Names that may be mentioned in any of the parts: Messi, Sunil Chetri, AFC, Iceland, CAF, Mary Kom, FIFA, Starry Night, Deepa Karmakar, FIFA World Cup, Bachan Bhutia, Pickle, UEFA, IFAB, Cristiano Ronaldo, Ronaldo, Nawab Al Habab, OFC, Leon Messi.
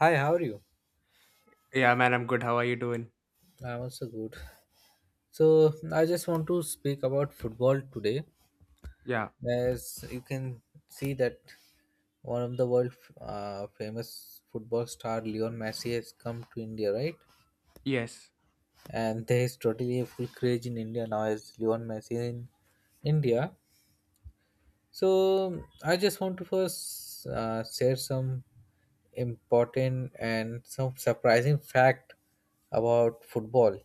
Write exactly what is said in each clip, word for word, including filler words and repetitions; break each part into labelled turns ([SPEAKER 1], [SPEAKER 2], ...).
[SPEAKER 1] Hi, how are you?
[SPEAKER 2] Yeah, man, I'm good. How are you doing?
[SPEAKER 1] I'm also good. So I just want to speak about football today.
[SPEAKER 2] Yeah.
[SPEAKER 1] As you can see that one of the world uh, famous football star Leon Messi has come to India, right?
[SPEAKER 2] Yes.
[SPEAKER 1] And there is totally a full craze in India now as Leon Messi in India. So I just want to first uh, share some important and some surprising fact about football.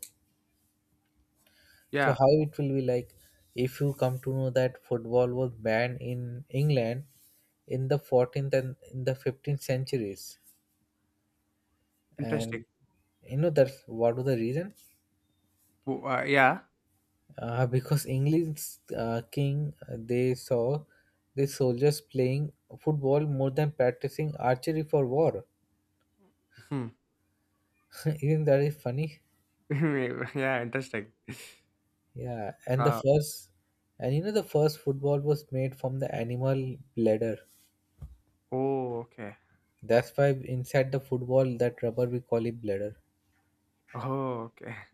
[SPEAKER 1] So
[SPEAKER 2] Yeah.
[SPEAKER 1] how it will be like if you come to know that football was banned in England in the fourteenth and in the fifteenth centuries,
[SPEAKER 2] Interesting.
[SPEAKER 1] and you know that's what was the reason?
[SPEAKER 2] W- Uh, yeah.
[SPEAKER 1] Uh, because England's uh, king uh, they saw the soldiers playing football more than practicing archery for war.
[SPEAKER 2] Hmm.
[SPEAKER 1] Isn't that is funny?
[SPEAKER 2] Yeah. Interesting.
[SPEAKER 1] Yeah, and the
[SPEAKER 2] Uh.
[SPEAKER 1] first and you know the first football was made from the animal bladder.
[SPEAKER 2] Oh. Okay.
[SPEAKER 1] That's why inside the football, that rubber we call it bladder,
[SPEAKER 2] Oh. Okay.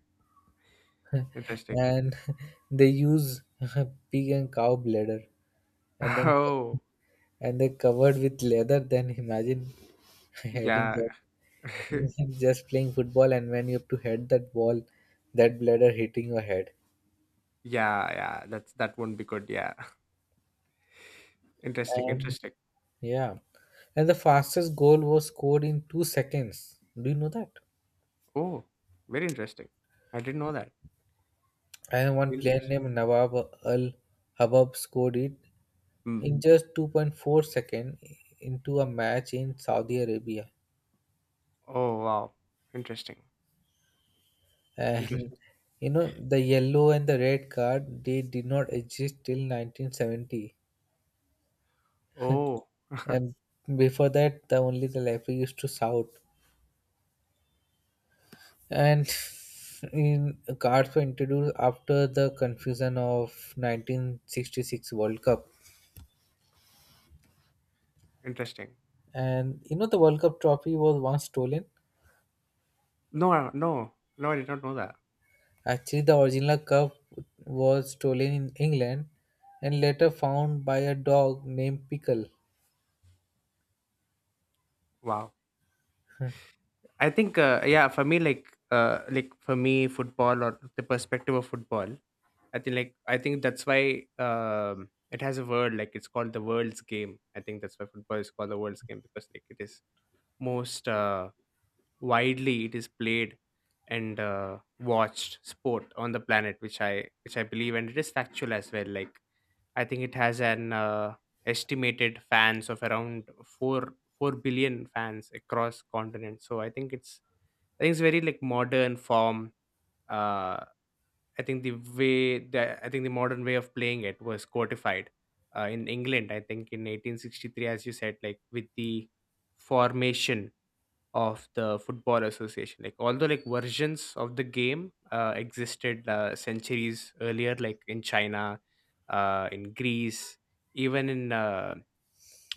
[SPEAKER 2] Interesting.
[SPEAKER 1] and they use pig and cow bladder, and then
[SPEAKER 2] Oh.
[SPEAKER 1] and they covered with leather. Then imagine heading
[SPEAKER 2] Yeah.
[SPEAKER 1] that, just playing football, and when you have to head that ball, that bladder hitting your head,
[SPEAKER 2] Yeah. Yeah. That's that won't be good. Yeah. Interesting.
[SPEAKER 1] and
[SPEAKER 2] Interesting.
[SPEAKER 1] yeah, and the fastest goal was scored in two seconds. Do you know that?
[SPEAKER 2] Oh. Very interesting. I didn't know that.
[SPEAKER 1] And one
[SPEAKER 2] Very
[SPEAKER 1] player
[SPEAKER 2] interesting.
[SPEAKER 1] named Nawab Al Habab scored it
[SPEAKER 2] Hmm.
[SPEAKER 1] in just two point four seconds, into a match in Saudi Arabia.
[SPEAKER 2] Oh. Wow. Interesting. Interesting.
[SPEAKER 1] And You know, the yellow and the red card they did not exist till nineteen seventy.
[SPEAKER 2] Oh.
[SPEAKER 1] And before that, the only the referee used to shout. And in cards were introduced after the confusion of nineteen sixty-six World Cup.
[SPEAKER 2] Interesting.
[SPEAKER 1] And you know, the World Cup trophy was once stolen.
[SPEAKER 2] No. No. No. I did not know that.
[SPEAKER 1] Actually, the original cup was stolen in England and later found by a dog named Pickle.
[SPEAKER 2] Wow. I think uh, yeah, for me like uh, like for me football or the perspective of football. I think like I think that's why um, it has a word like it's called the world's game. I think that's why football is called the world's game because like it is most uh, widely it is played and uh, watched sport on the planet, which I which I believe, and it is factual as well. Like I think it has an uh, estimated fans of around four four billion fans across continents. So I think it's I think it's very like modern form. Uh, I think the way that I think the modern way of playing it was codified uh, in England. I think in eighteen sixty-three, as you said, like with the formation of the football association. Like although like versions of the game uh, existed uh, centuries earlier, like in China, uh, in Greece, even in uh,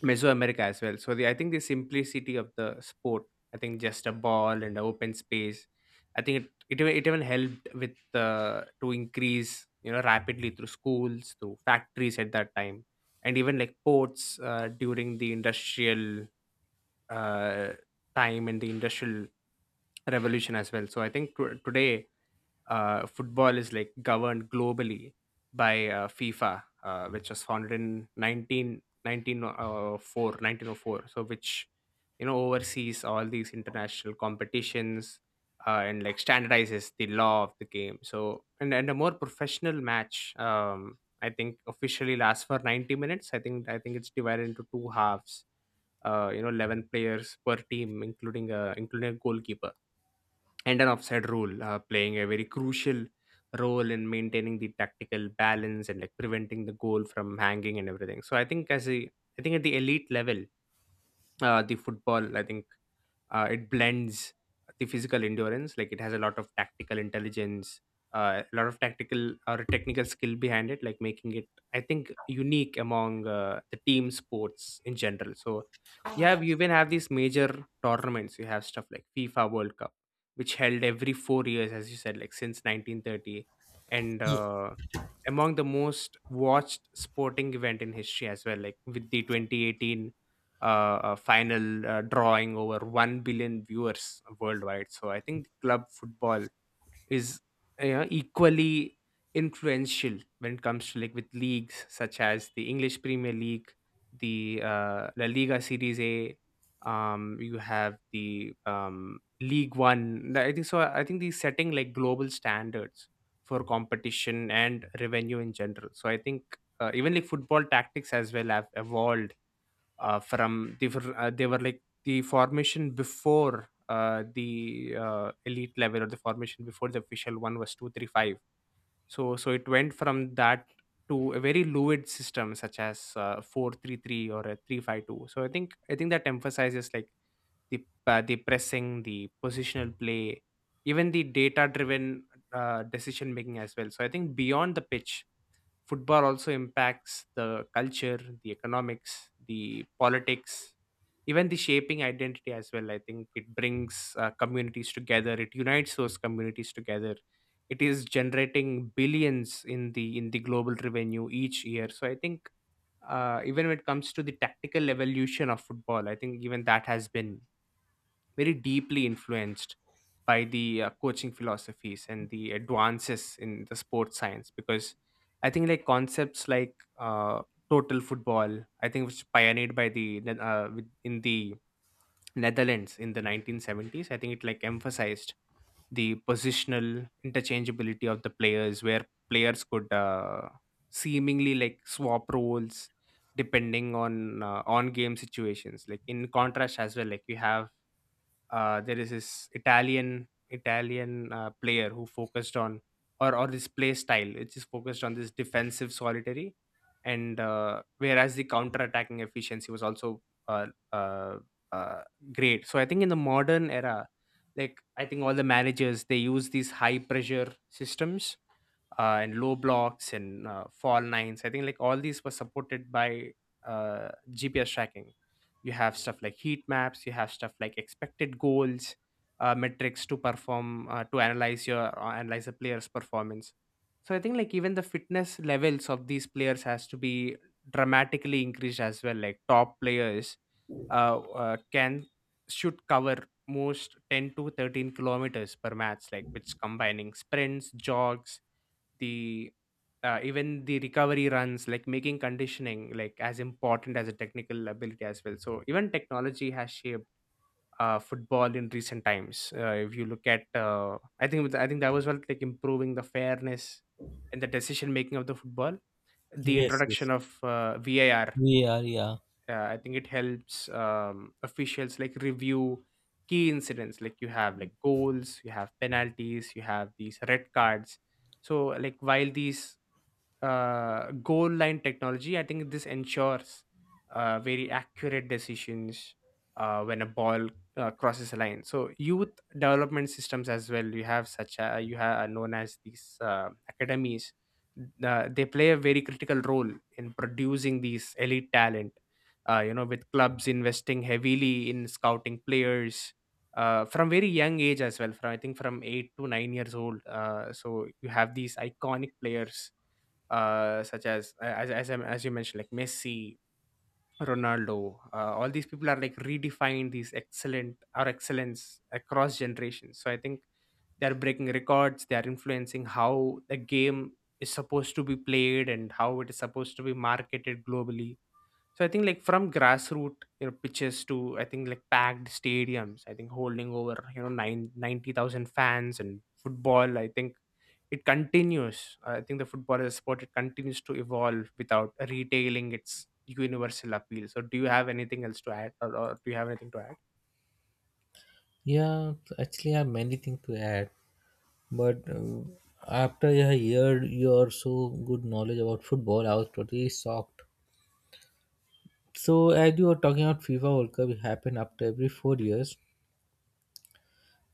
[SPEAKER 2] Mesoamerica as well. So the, I think the simplicity of the sport, I think just a ball and an open space, I think it it, even- it even helped with uh, to increase you know rapidly through schools, through factories at that time, and even like ports uh, during the industrial uh, time and the industrial revolution as well. So I think to today uh, football is like governed globally by uh, FIFA, uh, which was founded in nineteen nineteen oh four nineteen oh four. So, which you know oversees all these international competitions uh, and like standardizes the law of the game. So, and and a more professional match. Um, I think officially lasts for ninety minutes. I think I think it's divided into two halves, uh, you know eleven players per team, including a including a goalkeeper, and an offside rule uh, playing a very crucial role in maintaining the tactical balance and like preventing the goal from hanging and everything. So i think as a i think at the elite level, uh, the football, I think, uh, it blends the physical endurance, like it has a lot of tactical intelligence, uh, a lot of tactical or technical skill behind it, like making it, I think, unique among uh, the team sports in general. So you have you even have these major tournaments. You have stuff like FIFA World Cup, which held every four years, as you said, like since nineteen thirty, and uh, among the most watched sporting event in history as well, like with the twenty eighteen uh, uh, final uh, drawing over one billion viewers worldwide. So I think club football is, you know, equally influential when it comes to, like, with leagues such as the English Premier League, the uh, La Liga, Series A, um, you have the um, League One. I think so i think the setting, like, global standards for competition and revenue in general. So I think, uh, even like football tactics as well have evolved uh, from, they were, uh, they were like the formation before uh, the uh, elite level, or the formation before the official one was two three five. So so it went from that to a very fluid system such as uh, four three three or a three five two. So i think i think that emphasizes like the uh, the pressing, the positional play, even the data driven uh, decision making as well. So I think beyond the pitch, football also impacts the culture, the economics, the politics, even the shaping identity as well. I think it brings uh, communities together, it unites those communities together, it is generating billions in the in the global revenue each year. So I think, uh, even when it comes to the tactical evolution of football, I think even that has been very deeply influenced by the uh, coaching philosophies and the advances in the sports science. Because I think, like, concepts like uh, total football, I think, was pioneered by the Ne- uh, with- in the Netherlands in the nineteen seventies. I think it like emphasized the positional interchangeability of the players, where players could uh, seemingly like swap roles depending on uh, on game situations. Like in contrast as well, like you have uh, there is this Italian Italian uh, player who focused on or or this play style which is focused on this defensive solitary, and uh, whereas the counter attacking efficiency was also uh, uh, uh, great. So I think in the modern era, like I think all the managers they use these high pressure systems, uh, and low blocks, and uh, fall nines. I think like all these were supported by uh, G P S tracking. You have stuff like heat maps. You have stuff like expected goals, uh, metrics to perform uh, to analyze your uh, analyze a player's performance. So I think, like, even the fitness levels of these players has to be dramatically increased as well. Like top players uh, uh, can should cover most ten to thirteen kilometers per match, like which, combining sprints, jogs, the uh, even the recovery runs, like making conditioning like as important as a technical ability as well. So even technology has shaped uh, football in recent times. Uh, if you look at, uh, i think with- I think that was, well, like improving the fairness and the decision making of the football. The
[SPEAKER 1] Yes, yes.
[SPEAKER 2] introduction of uh, VAR,
[SPEAKER 1] We are, yeah.
[SPEAKER 2] uh, I think it helps um, officials like review key incidents, like you have like goals, you have penalties, you have these red cards. So like while these, uh, goal line technology, I think this ensures uh, very accurate decisions uh, when a ball uh, crosses a line. So youth development systems as well. You have such a, you have known as these uh, academies. Uh, they play a very critical role in producing these elite talent. Uh, you know, with clubs investing heavily in scouting players uh, from very young age as well. From I think from eight to nine years old. Uh, so you have these iconic players, uh, such as uh, as as, I- as you mentioned, like Messi, Ronaldo. Uh, all these people are like redefined these excellent or excellence across generations. So I think they are breaking records. They are influencing how the game is supposed to be played and how it is supposed to be marketed globally. So I think like from grassroots, you know pitches, to I think like packed stadiums, I think holding over, you know nine ninety thousand fans and football. I think it continues. I think the football as a sport, it continues to evolve without retailing its universal appeal. So do you have anything else to add, or, or do you have anything to add?
[SPEAKER 1] Yeah, actually, I have many things to add, but uh, after I heard your so good knowledge about football, I was totally shocked. So, as you were talking about FIFA World Cup, it happened after every four years.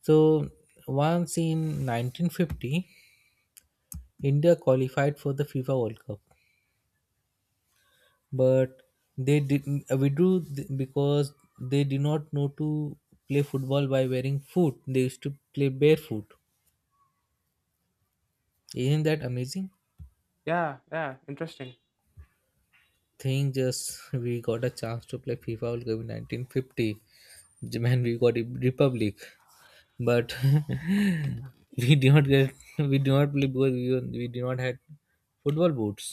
[SPEAKER 1] So, once in nineteen fifty, India qualified for the FIFA World Cup, but they did withdrew th- because they did not know to play football by wearing foot. They used to play barefoot. Isn't that amazing
[SPEAKER 2] Yeah, yeah, interesting.
[SPEAKER 1] thing? Just we got a chance to play FIFA World Cup in nineteen fifty when we got a republic, but we did not get, we did not play because we, were- we did not had football boots.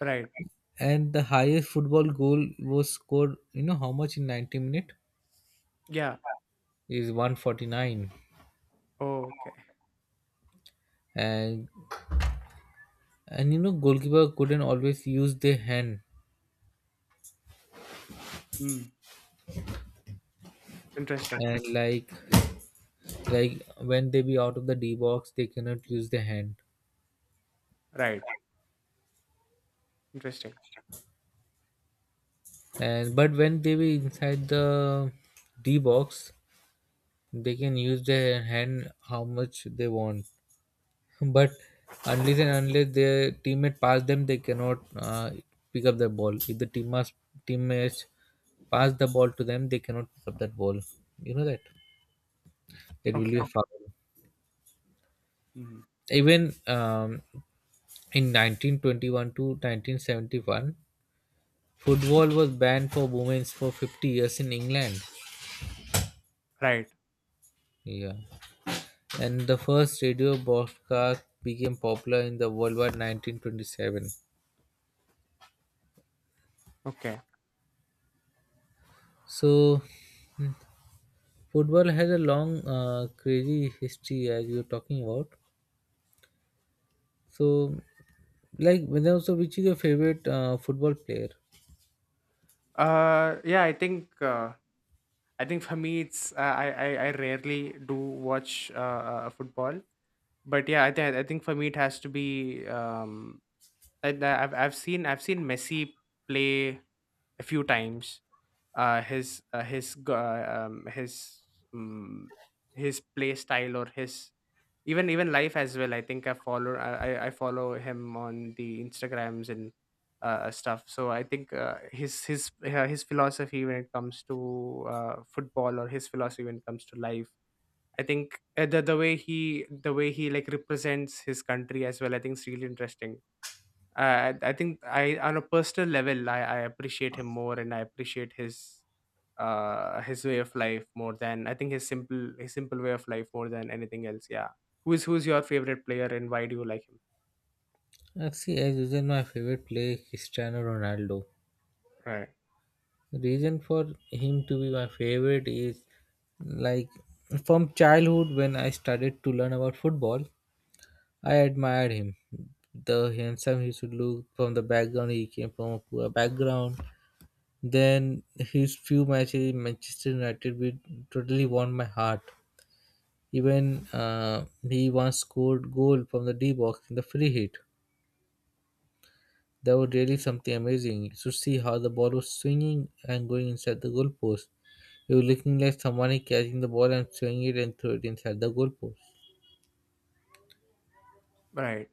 [SPEAKER 2] Right.
[SPEAKER 1] And the highest football goal was scored, you know how much in ninety minute,
[SPEAKER 2] Yeah.
[SPEAKER 1] is one hundred forty-nine.
[SPEAKER 2] Oh, okay.
[SPEAKER 1] And and you know goalkeeper couldn't always use their hand,
[SPEAKER 2] Mm. Interesting.
[SPEAKER 1] and like like when they be out of the D box they cannot use their hand.
[SPEAKER 2] Right. Interesting.
[SPEAKER 1] And but when they be inside the D box they can use their hand how much they want. But unless and unless their teammate pass them they cannot uh, pick up the ball. If the team must teammates pass the ball to them they cannot pick up that ball, you know that. It will be a
[SPEAKER 2] Okay.
[SPEAKER 1] foul.
[SPEAKER 2] Mm.
[SPEAKER 1] Even um, in nineteen twenty-one to nineteen seventy-one, football was banned for women for fifty years in England.
[SPEAKER 2] Right.
[SPEAKER 1] Yeah. And the first radio broadcast became popular in the worldwide nineteen twenty-seven.
[SPEAKER 2] Okay.
[SPEAKER 1] So, football has a long, uh, crazy history as you're talking about. So, like, when also, which is your favorite uh, football player?
[SPEAKER 2] Uh, yeah, I think. Uh, I think for me, it's uh, I, I I rarely do watch uh, uh, football, but yeah, I think I think for me it has to be, um I, I've I've seen, I've seen Messi play a few times. Uh, his uh, his g- uh, um his um, his play style, or his even even life as well. I think I follow, I I I follow him on the Instagrams and uh, stuff. So I think, uh, his his uh, his philosophy when it comes to uh, football, or his philosophy when it comes to life. I think, uh, the the way he, the way he like represents his country as well. I think it's really interesting. I I think I on a personal level, I, I appreciate him more, and I appreciate his uh his way of life more than, I think, his simple his simple way of life more than anything else. Yeah. Who is who's your favorite player, and why do you like him?
[SPEAKER 1] Actually, see, as usual, my favorite player is Cristiano Ronaldo.
[SPEAKER 2] Right.
[SPEAKER 1] Reason for him to be my favorite is, like, from childhood when I started to learn about football, I admired him. The handsome he used to look. From the background, he came from a poor background. Then his few matches in Manchester United with totally won my heart. Even uh, he once scored goal from the D box in the free hit. That was really something amazing. You should see how the ball was swinging and going inside the goal post. You're looking like someone is catching the ball and throwing it and throw it inside the goalpost.
[SPEAKER 2] Right.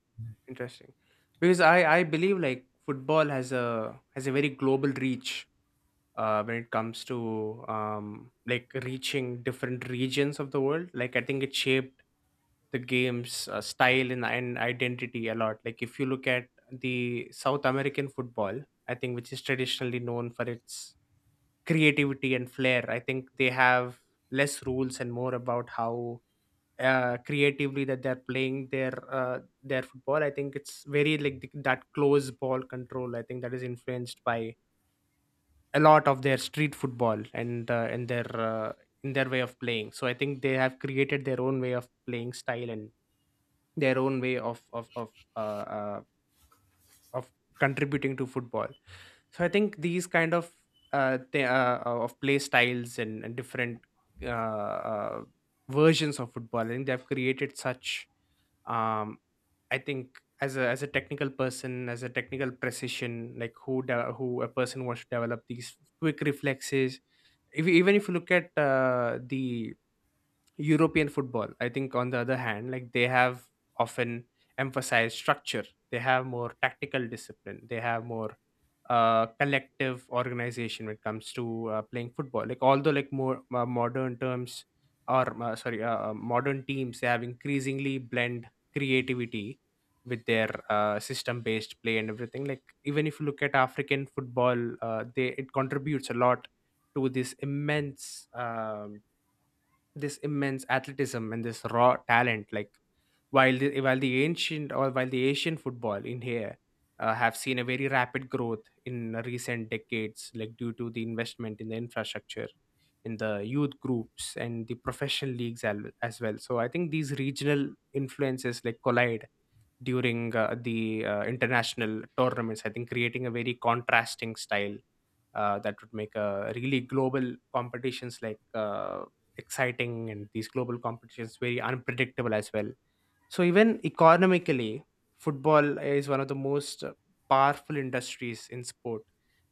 [SPEAKER 2] Interesting. Because I I believe like football has a, has a very global reach uh, when it comes to, um, like, reaching different regions of the world. Like I think it shaped the game's uh, style, and, and identity a lot. Like if you look at the South American football, I think, which is traditionally known for its creativity and flair. I think they have less rules and more about how, uh, creatively, that they're playing their uh, their football. I think it's very like th- that close ball control. I think that is influenced by a lot of their street football, and uh, and their uh, in their way of playing. So I think they have created their own way of playing style and their own way of of of uh, uh, of contributing to football. So I think these kind of uh, th- uh, uh, of play styles and, and different uh, uh, versions of football. I think they have created such um, I think as a as a technical person, as a technical precision, like who de- who a person wants to develop these quick reflexes. If you- Even if you look at uh, the European football, I think, on the other hand, like they have often emphasized structure. They have more tactical discipline. They have more uh, collective organization when it comes to uh, playing football. Like although like more uh, modern terms or uh, sorry, uh, uh, modern teams they have increasingly blend creativity with their uh, system-based play and everything. Like even if you look at African football, uh, they it contributes a lot to this immense. Um this immense athleticism and this raw talent like while the, while the ancient or while the Asian football in here uh, have seen a very rapid growth in recent decades, like due to the investment in the infrastructure, in the youth groups and the professional leagues al- as well. So I think these regional influences like collide during uh, the uh, international tournaments. I think creating a very contrasting style uh, that would make a really global competitions like uh, exciting and these global competitions very unpredictable as well. So even economically, football is one of the most uh, powerful industries in sport,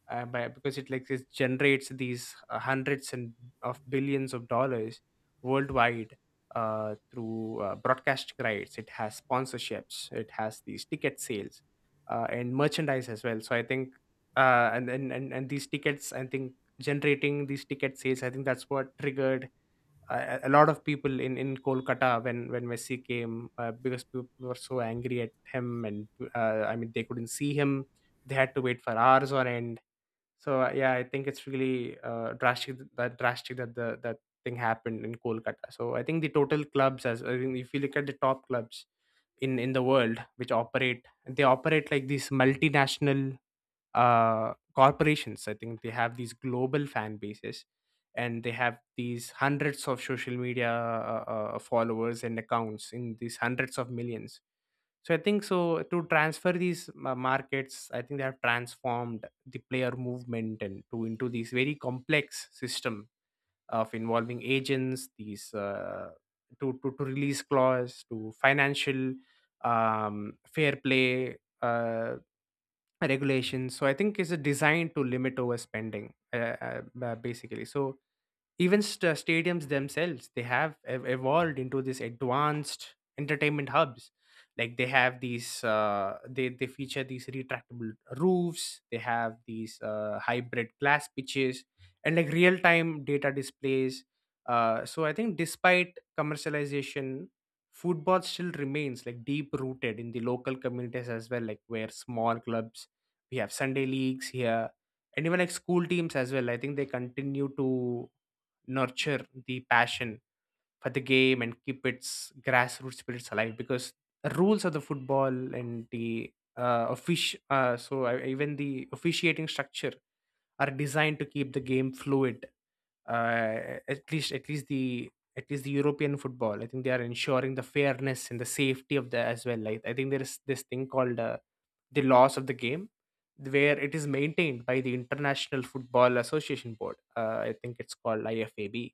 [SPEAKER 2] uh, by, because it like it generates these uh, hundreds and of billions of dollars worldwide uh, through uh, broadcasting rights. It has sponsorships. It has these ticket sales uh, and merchandise as well. So I think uh, and, and and and these tickets, I think generating these ticket sales, I think that's what triggered a, a lot of people in in Kolkata when when Messi came uh, because people were so angry at him, and uh, I mean they couldn't see him. They had to wait for hours on end. So uh, yeah, I think it's really uh, drastic that drastic that the that thing happened in Kolkata. So I think the total clubs as I think if you look at the top clubs in in the world which operate, they operate like these multinational uh, corporations. I think they have these global fan bases and they have these hundreds of social media uh, uh, followers and accounts in these hundreds of millions. So I think so to transfer these ma- markets, I think they have transformed the player movement and to into these very complex system of involving agents, these uh, to, to to release clause, to financial um, fair play. Uh, Regulations, so I think it's designed to limit overspending uh, uh, ba- basically. So even st- uh, stadiums themselves they have ev- evolved into these advanced entertainment hubs. Like they have these uh, they, they feature these retractable roofs. They have these uh, hybrid glass pitches and like real time data displays. Uh, so I think despite commercialization, football still remains like deep rooted in the local communities as well, like where small clubs, we have Sunday leagues here, and even like school teams as well. I think they continue to nurture the passion for the game and keep its grassroots spirits alive, because the rules of the football and the uh, offici- uh, so uh, even the officiating structure are designed to keep the game fluid, uh, at least at least the at least the European football. I think they are ensuring the fairness and the safety of the as well. Like I think there is this thing called uh, the laws of the game, where it is maintained by the International Football Association Board. Uh, I think it's called IFAB,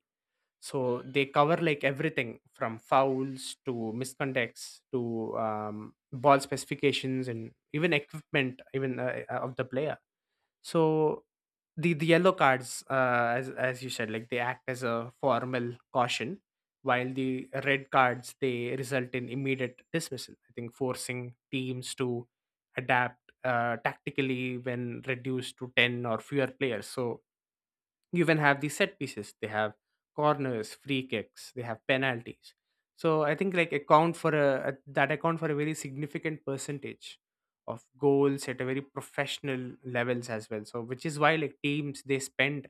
[SPEAKER 2] so they cover like everything from fouls to misconducts to um, ball specifications and even equipment even uh, uh, of the player. So the the yellow cards, uh, as as you said, like they act as a formal caution, while the red cards they result in immediate dismissal. I think forcing teams to adapt uh, tactically when reduced to ten or fewer players. So you even have the set pieces. They have corners, free kicks. They have penalties. So I think like account for a, a- that account for a very significant percentage of goals at a very professional levels as well. So which is why like teams, they spend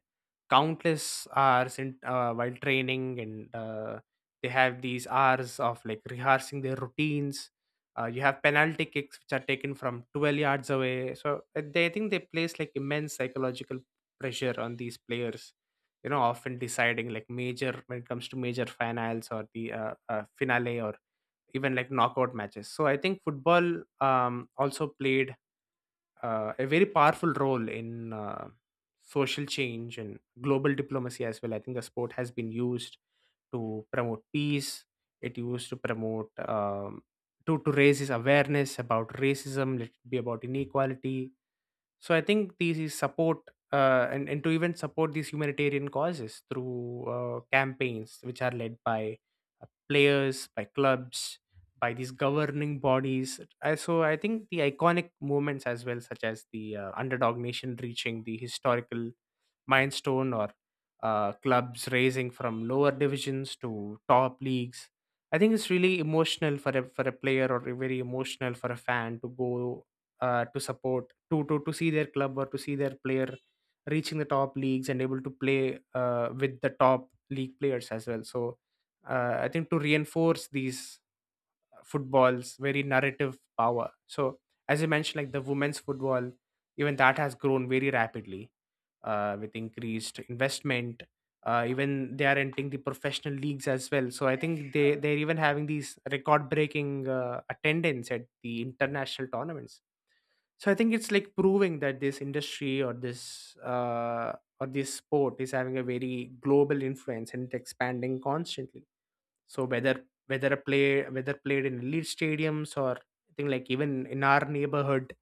[SPEAKER 2] countless hours in uh, while training, and uh, they have these hours of like rehearsing their routines. Uh, you have penalty kicks which are taken from twelve yards away. So uh, they I think they place like immense psychological pressure on these players, you know, often deciding like major when it comes to major finals or the uh, uh, finale or even like knockout matches. So I think football um, also played uh, a very powerful role in uh, social change and global diplomacy as well. I think the sport has been used to promote peace. It used to promote um, to to raise his awareness about racism, let it be about inequality. So I think these is support uh, and and to even support these humanitarian causes through uh, campaigns which are led by uh, players, by clubs, by these governing bodies. I, so I think the iconic moments as well, such as the uh, underdog nation reaching the historical milestone, or uh, clubs raising from lower divisions to top leagues. I think it's really emotional for a for a player, or very emotional for a fan to go uh, to support to to to see their club or to see their player reaching the top leagues and able to play uh, with the top league players as well. So uh, I think to reinforce these football's very narrative power. So, as you mentioned, like the women's football, even that has grown very rapidly uh, with increased investment. Uh, even they are entering the professional leagues as well. So I think they, they're even having these record-breaking uh, attendance at the international tournaments. So I think it's like proving that this industry or this uh, or this sport is having a very global influence and it's expanding constantly. So whether whether a play whether played in elite stadiums or I think like even in our neighborhood,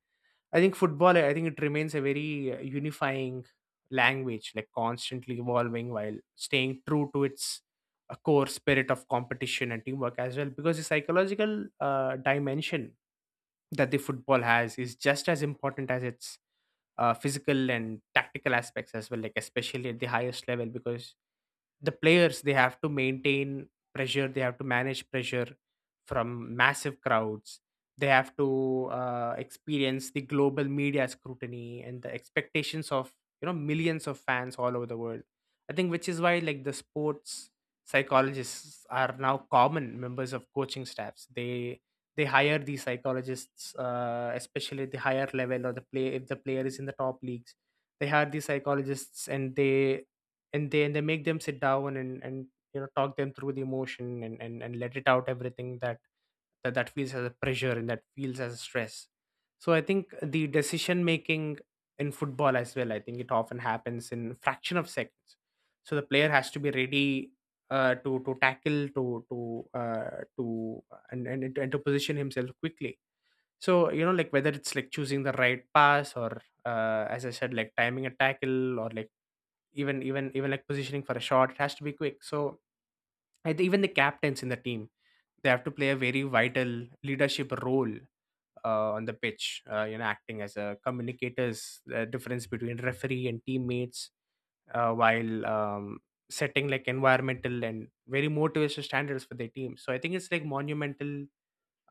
[SPEAKER 2] I think football, I think it remains a very uh, unifying language, like constantly evolving while staying true to its uh, core spirit of competition and teamwork as well, because the psychological uh, dimension that the football has is just as important as its uh, physical and tactical aspects as well, like especially at the highest level, because the players they have to maintain pressure, they have to manage pressure from massive crowds. They have to uh, experience the global media scrutiny and the expectations of, you know, millions of fans all over the world. I think which is why like the sports psychologists are now common members of coaching staffs. they they hire these psychologists uh, especially at the higher level, or the play if the player is in the top leagues, they hire these psychologists and they and they and they make them sit down and and you know talk them through the emotion and and, and let it out everything that, that that feels as a pressure and that feels as a stress. So I think the decision making in football as well, I think it often happens in fraction of seconds. So the player has to be ready, uh, to to tackle, to to uh, to and and, and to position himself quickly. So you know like whether it's like choosing the right pass, or uh, as I said like timing a tackle, or like even even even like positioning for a shot, it has to be quick. So I think even the captains in the team, they have to play a very vital leadership role uh, on the pitch, uh, you know, acting as a communicators, the difference between referee and teammates, uh, while um, setting like environmental and very motivational standards for their team. So I think it's like monumental.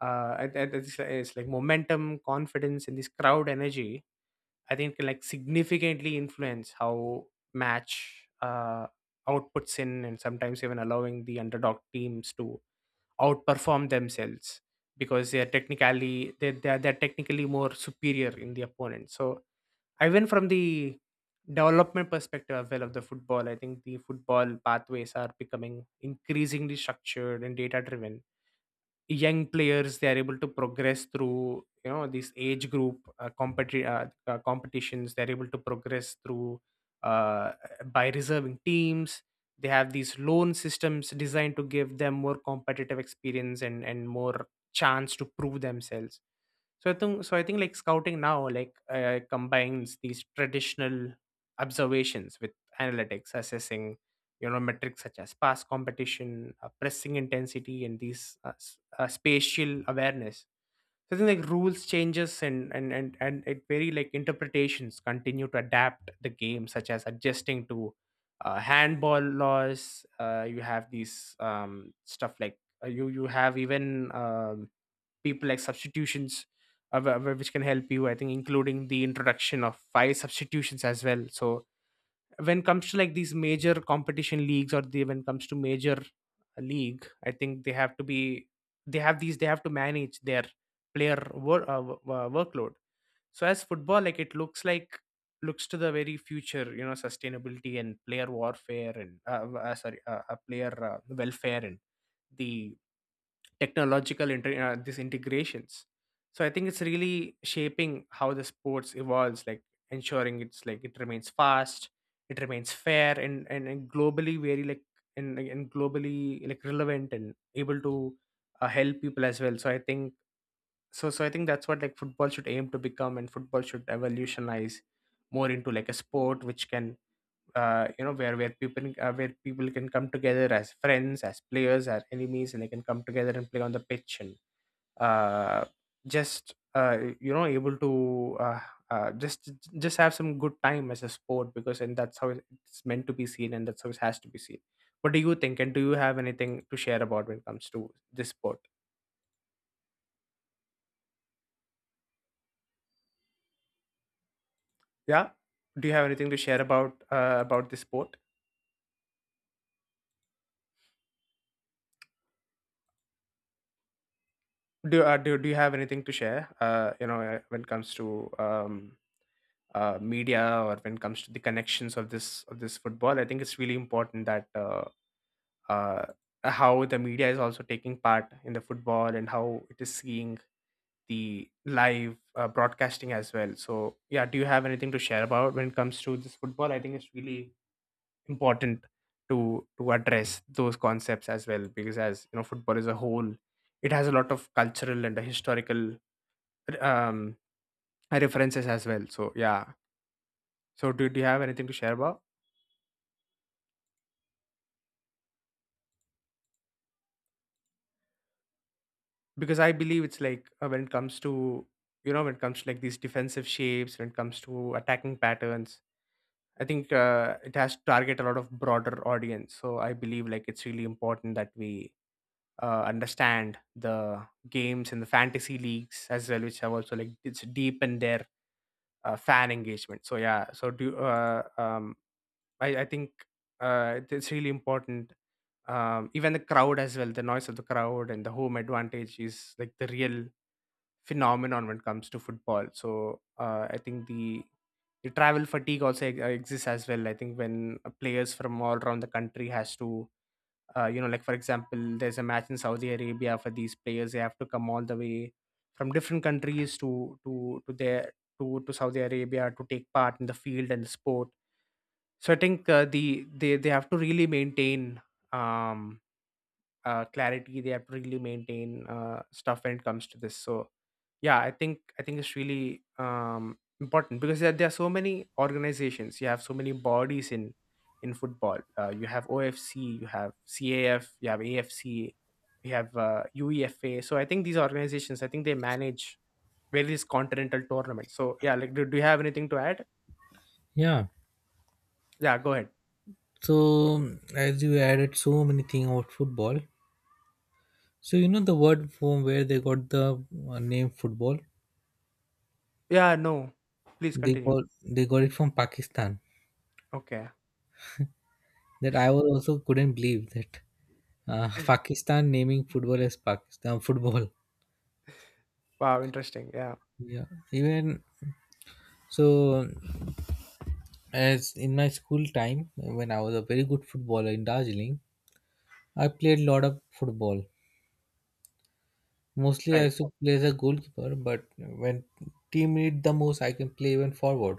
[SPEAKER 2] Uh, I- I- it's, it's like momentum, confidence, and this crowd energy. I think can like significantly influence how match uh, outputs in, and sometimes even allowing the underdog teams to outperform themselves because they are technically, they they are, they are technically more superior in the opponent. So I went from the development perspective as well of the football. I think the football pathways are becoming increasingly structured and data driven. Young players, they are able to progress through, you know, this age group, uh, competi- uh, uh, competitions. They're able to progress through uh, by reserving teams. They have these loan systems designed to give them more competitive experience, and and more chance to prove themselves. So i think so i think, like, scouting now, like, uh, combines these traditional observations with analytics, assessing, you know, metrics such as pass competition, uh, pressing intensity, and these uh, uh, spatial awareness. So I think, like, rules changes, and and and and it, very like, interpretations continue to adapt the game, such as adjusting to uh, handball laws. Uh, you have these um, stuff like, uh, you you have even, um, people, like, substitutions. uh, wh- wh- Which can help you, I think, including the introduction of five substitutions as well. So when comes to like these major competition leagues, or the when comes to major uh, league, I think they have to be, they have these, they have to manage their player wor- uh, wo- uh, workload. So as football, like, it looks like looks to the very future, you know, sustainability and player warfare, and uh, w- uh, sorry uh, uh, player uh, welfare, and the technological inter- uh, these integrations. So I think it's really shaping how the sports evolves, like, ensuring it's like it remains fast, it remains fair, and and, and globally, very like, and, and globally, like, relevant, and able to uh, help people as well. So I think, so so i think that's what, like, football should aim to become, and football should evolutionize more into like a sport which can, uh, you know, where where people uh, where people can come together as friends, as players, as enemies, and they can come together and play on the pitch and uh, just, uh, you know, able to uh, uh, just just have some good time as a sport, because and that's how it's meant to be seen, and that's how it has to be seen. What do you think, and do you have anything to share about when it comes to this sport? Yeah. Do you have anything to share about, uh, about this sport? Do, uh, do, do you have anything to share, uh, you know, uh, when it comes to, um, uh, media, or when it comes to the connections of this of this football? I think it's really important that, uh, uh, how the media is also taking part in the football and how it is seeing the live uh, broadcasting as well. So, yeah, do you have anything to share about when it comes to this football? I think it's really important to to address those concepts as well, because, as you know, football is a whole, it has a lot of cultural and historical um, references as well. So, yeah. So, do, do you have anything to share about? Because I believe it's like, uh, when it comes to, you know, when it comes to, like, these defensive shapes, when it comes to attacking patterns, I think uh, it has to target a lot of broader audience. So I believe, like, it's really important that we uh, understand the games and the fantasy leagues as well, which have also, like, it's deep in their uh, fan engagement. So yeah, so do you, uh, um, I, I think uh, it- it's really important. Um, even the crowd as well, the noise of the crowd and the home advantage is like the real phenomenon when it comes to football. So uh, I think the the travel fatigue also e- uh, exists as well. I think when uh, players from all around the country has to, uh, you know, like, for example, there's a match in Saudi Arabia for these players. They have to come all the way from different countries to to to their, to to Saudi Arabia, to take part in the field and the sport. So I think, uh, the they, they have to really maintain, um uh, clarity. They have to really maintain uh, stuff when it comes to this. So yeah, i think i think it's really um important, because there, there are so many organizations, you have so many bodies in in football. Uh, you have O F C, you have caf, you have A F C, you have uh, uefa. So I think these organizations, I think, they manage various continental tournaments. So yeah, like, do, do you have anything to add?
[SPEAKER 1] Yeah.
[SPEAKER 2] Yeah, go ahead.
[SPEAKER 1] So as you added so many things about football, so you know the word from where they got the uh, name football.
[SPEAKER 2] Yeah, no, please
[SPEAKER 1] They
[SPEAKER 2] continue.
[SPEAKER 1] got, they got it from Pakistan.
[SPEAKER 2] Okay.
[SPEAKER 1] That I was also couldn't believe that, uh, Pakistan naming football as Pakistan football.
[SPEAKER 2] Wow, interesting. Yeah.
[SPEAKER 1] Yeah. Even so, as in my school time when I was a very good footballer in Darjeeling, I played a lot of football. Mostly I
[SPEAKER 2] Right.
[SPEAKER 1] used to play as a goalkeeper, but when team need the most, I can play even forward.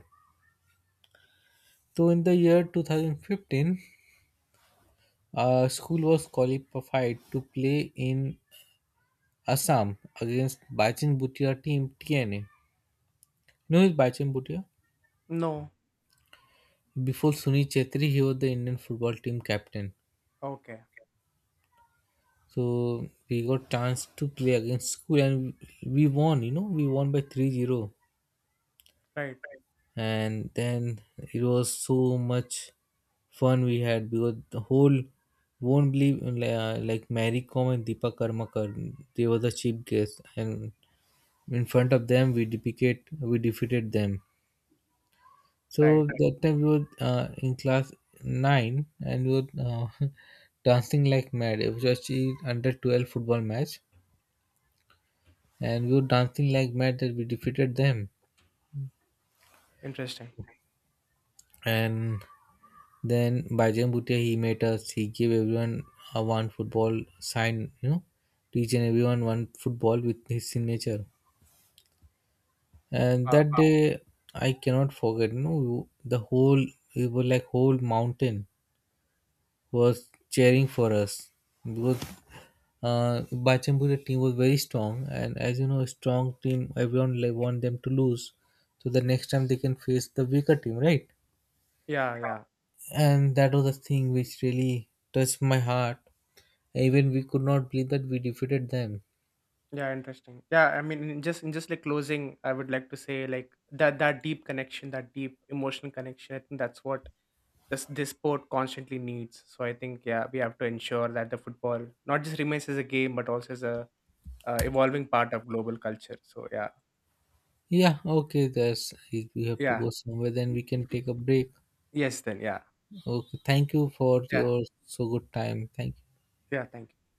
[SPEAKER 1] So in the year two thousand fifteen, uh, school was qualified to play in Assam against Bachan Bhutia team T N A. You know who is Bachan Bhutia?
[SPEAKER 2] No.
[SPEAKER 1] Before Sunil Chetri, he was the Indian football team captain.
[SPEAKER 2] Okay.
[SPEAKER 1] So we got chance to play against school and we won, you know, we won by three zero.
[SPEAKER 2] Right,
[SPEAKER 1] And then it was so much fun we had, because the whole won't believe like, uh, like Mary Kom and Deepa Karmakar they were the chief guests, and in front of them we defeated we defeated them.
[SPEAKER 2] right.
[SPEAKER 1] So that time we were uh, in class nine, and we were uh, dancing like mad. It was actually under twelve football match, and we were dancing like mad that we defeated them.
[SPEAKER 2] Interesting.
[SPEAKER 1] And then Baijan Bhutia he made us. He gave everyone a one football sign. You know, to each and everyone one football with his signature. And
[SPEAKER 2] Uh,
[SPEAKER 1] that Wow. day I cannot forget. You know, the whole, it was like whole mountain was cheering for us, because uh, Baijan Bhutia team was very strong. And as you know, a strong team everyone like, want them to lose, so the next time they can face the weaker team, right?
[SPEAKER 2] yeah, yeah.
[SPEAKER 1] And that was the thing which really touched my heart. Even we could not believe that we defeated them.
[SPEAKER 2] Yeah, interesting. Yeah, I mean, in just in just like closing, I would like to say, like, that that deep connection, that deep emotional connection. I think that's what this this sport constantly needs. So I think, yeah, we have to ensure that the football not just remains as a game, but also as a uh, evolving part of global culture. So yeah.
[SPEAKER 1] Yeah, okay, that's, if we have to
[SPEAKER 2] Yeah,
[SPEAKER 1] go somewhere, then we can take a break.
[SPEAKER 2] yes, then yeah.
[SPEAKER 1] Okay, thank you for
[SPEAKER 2] Yeah,
[SPEAKER 1] your so good time. Thank you.
[SPEAKER 2] yeah. Thank you.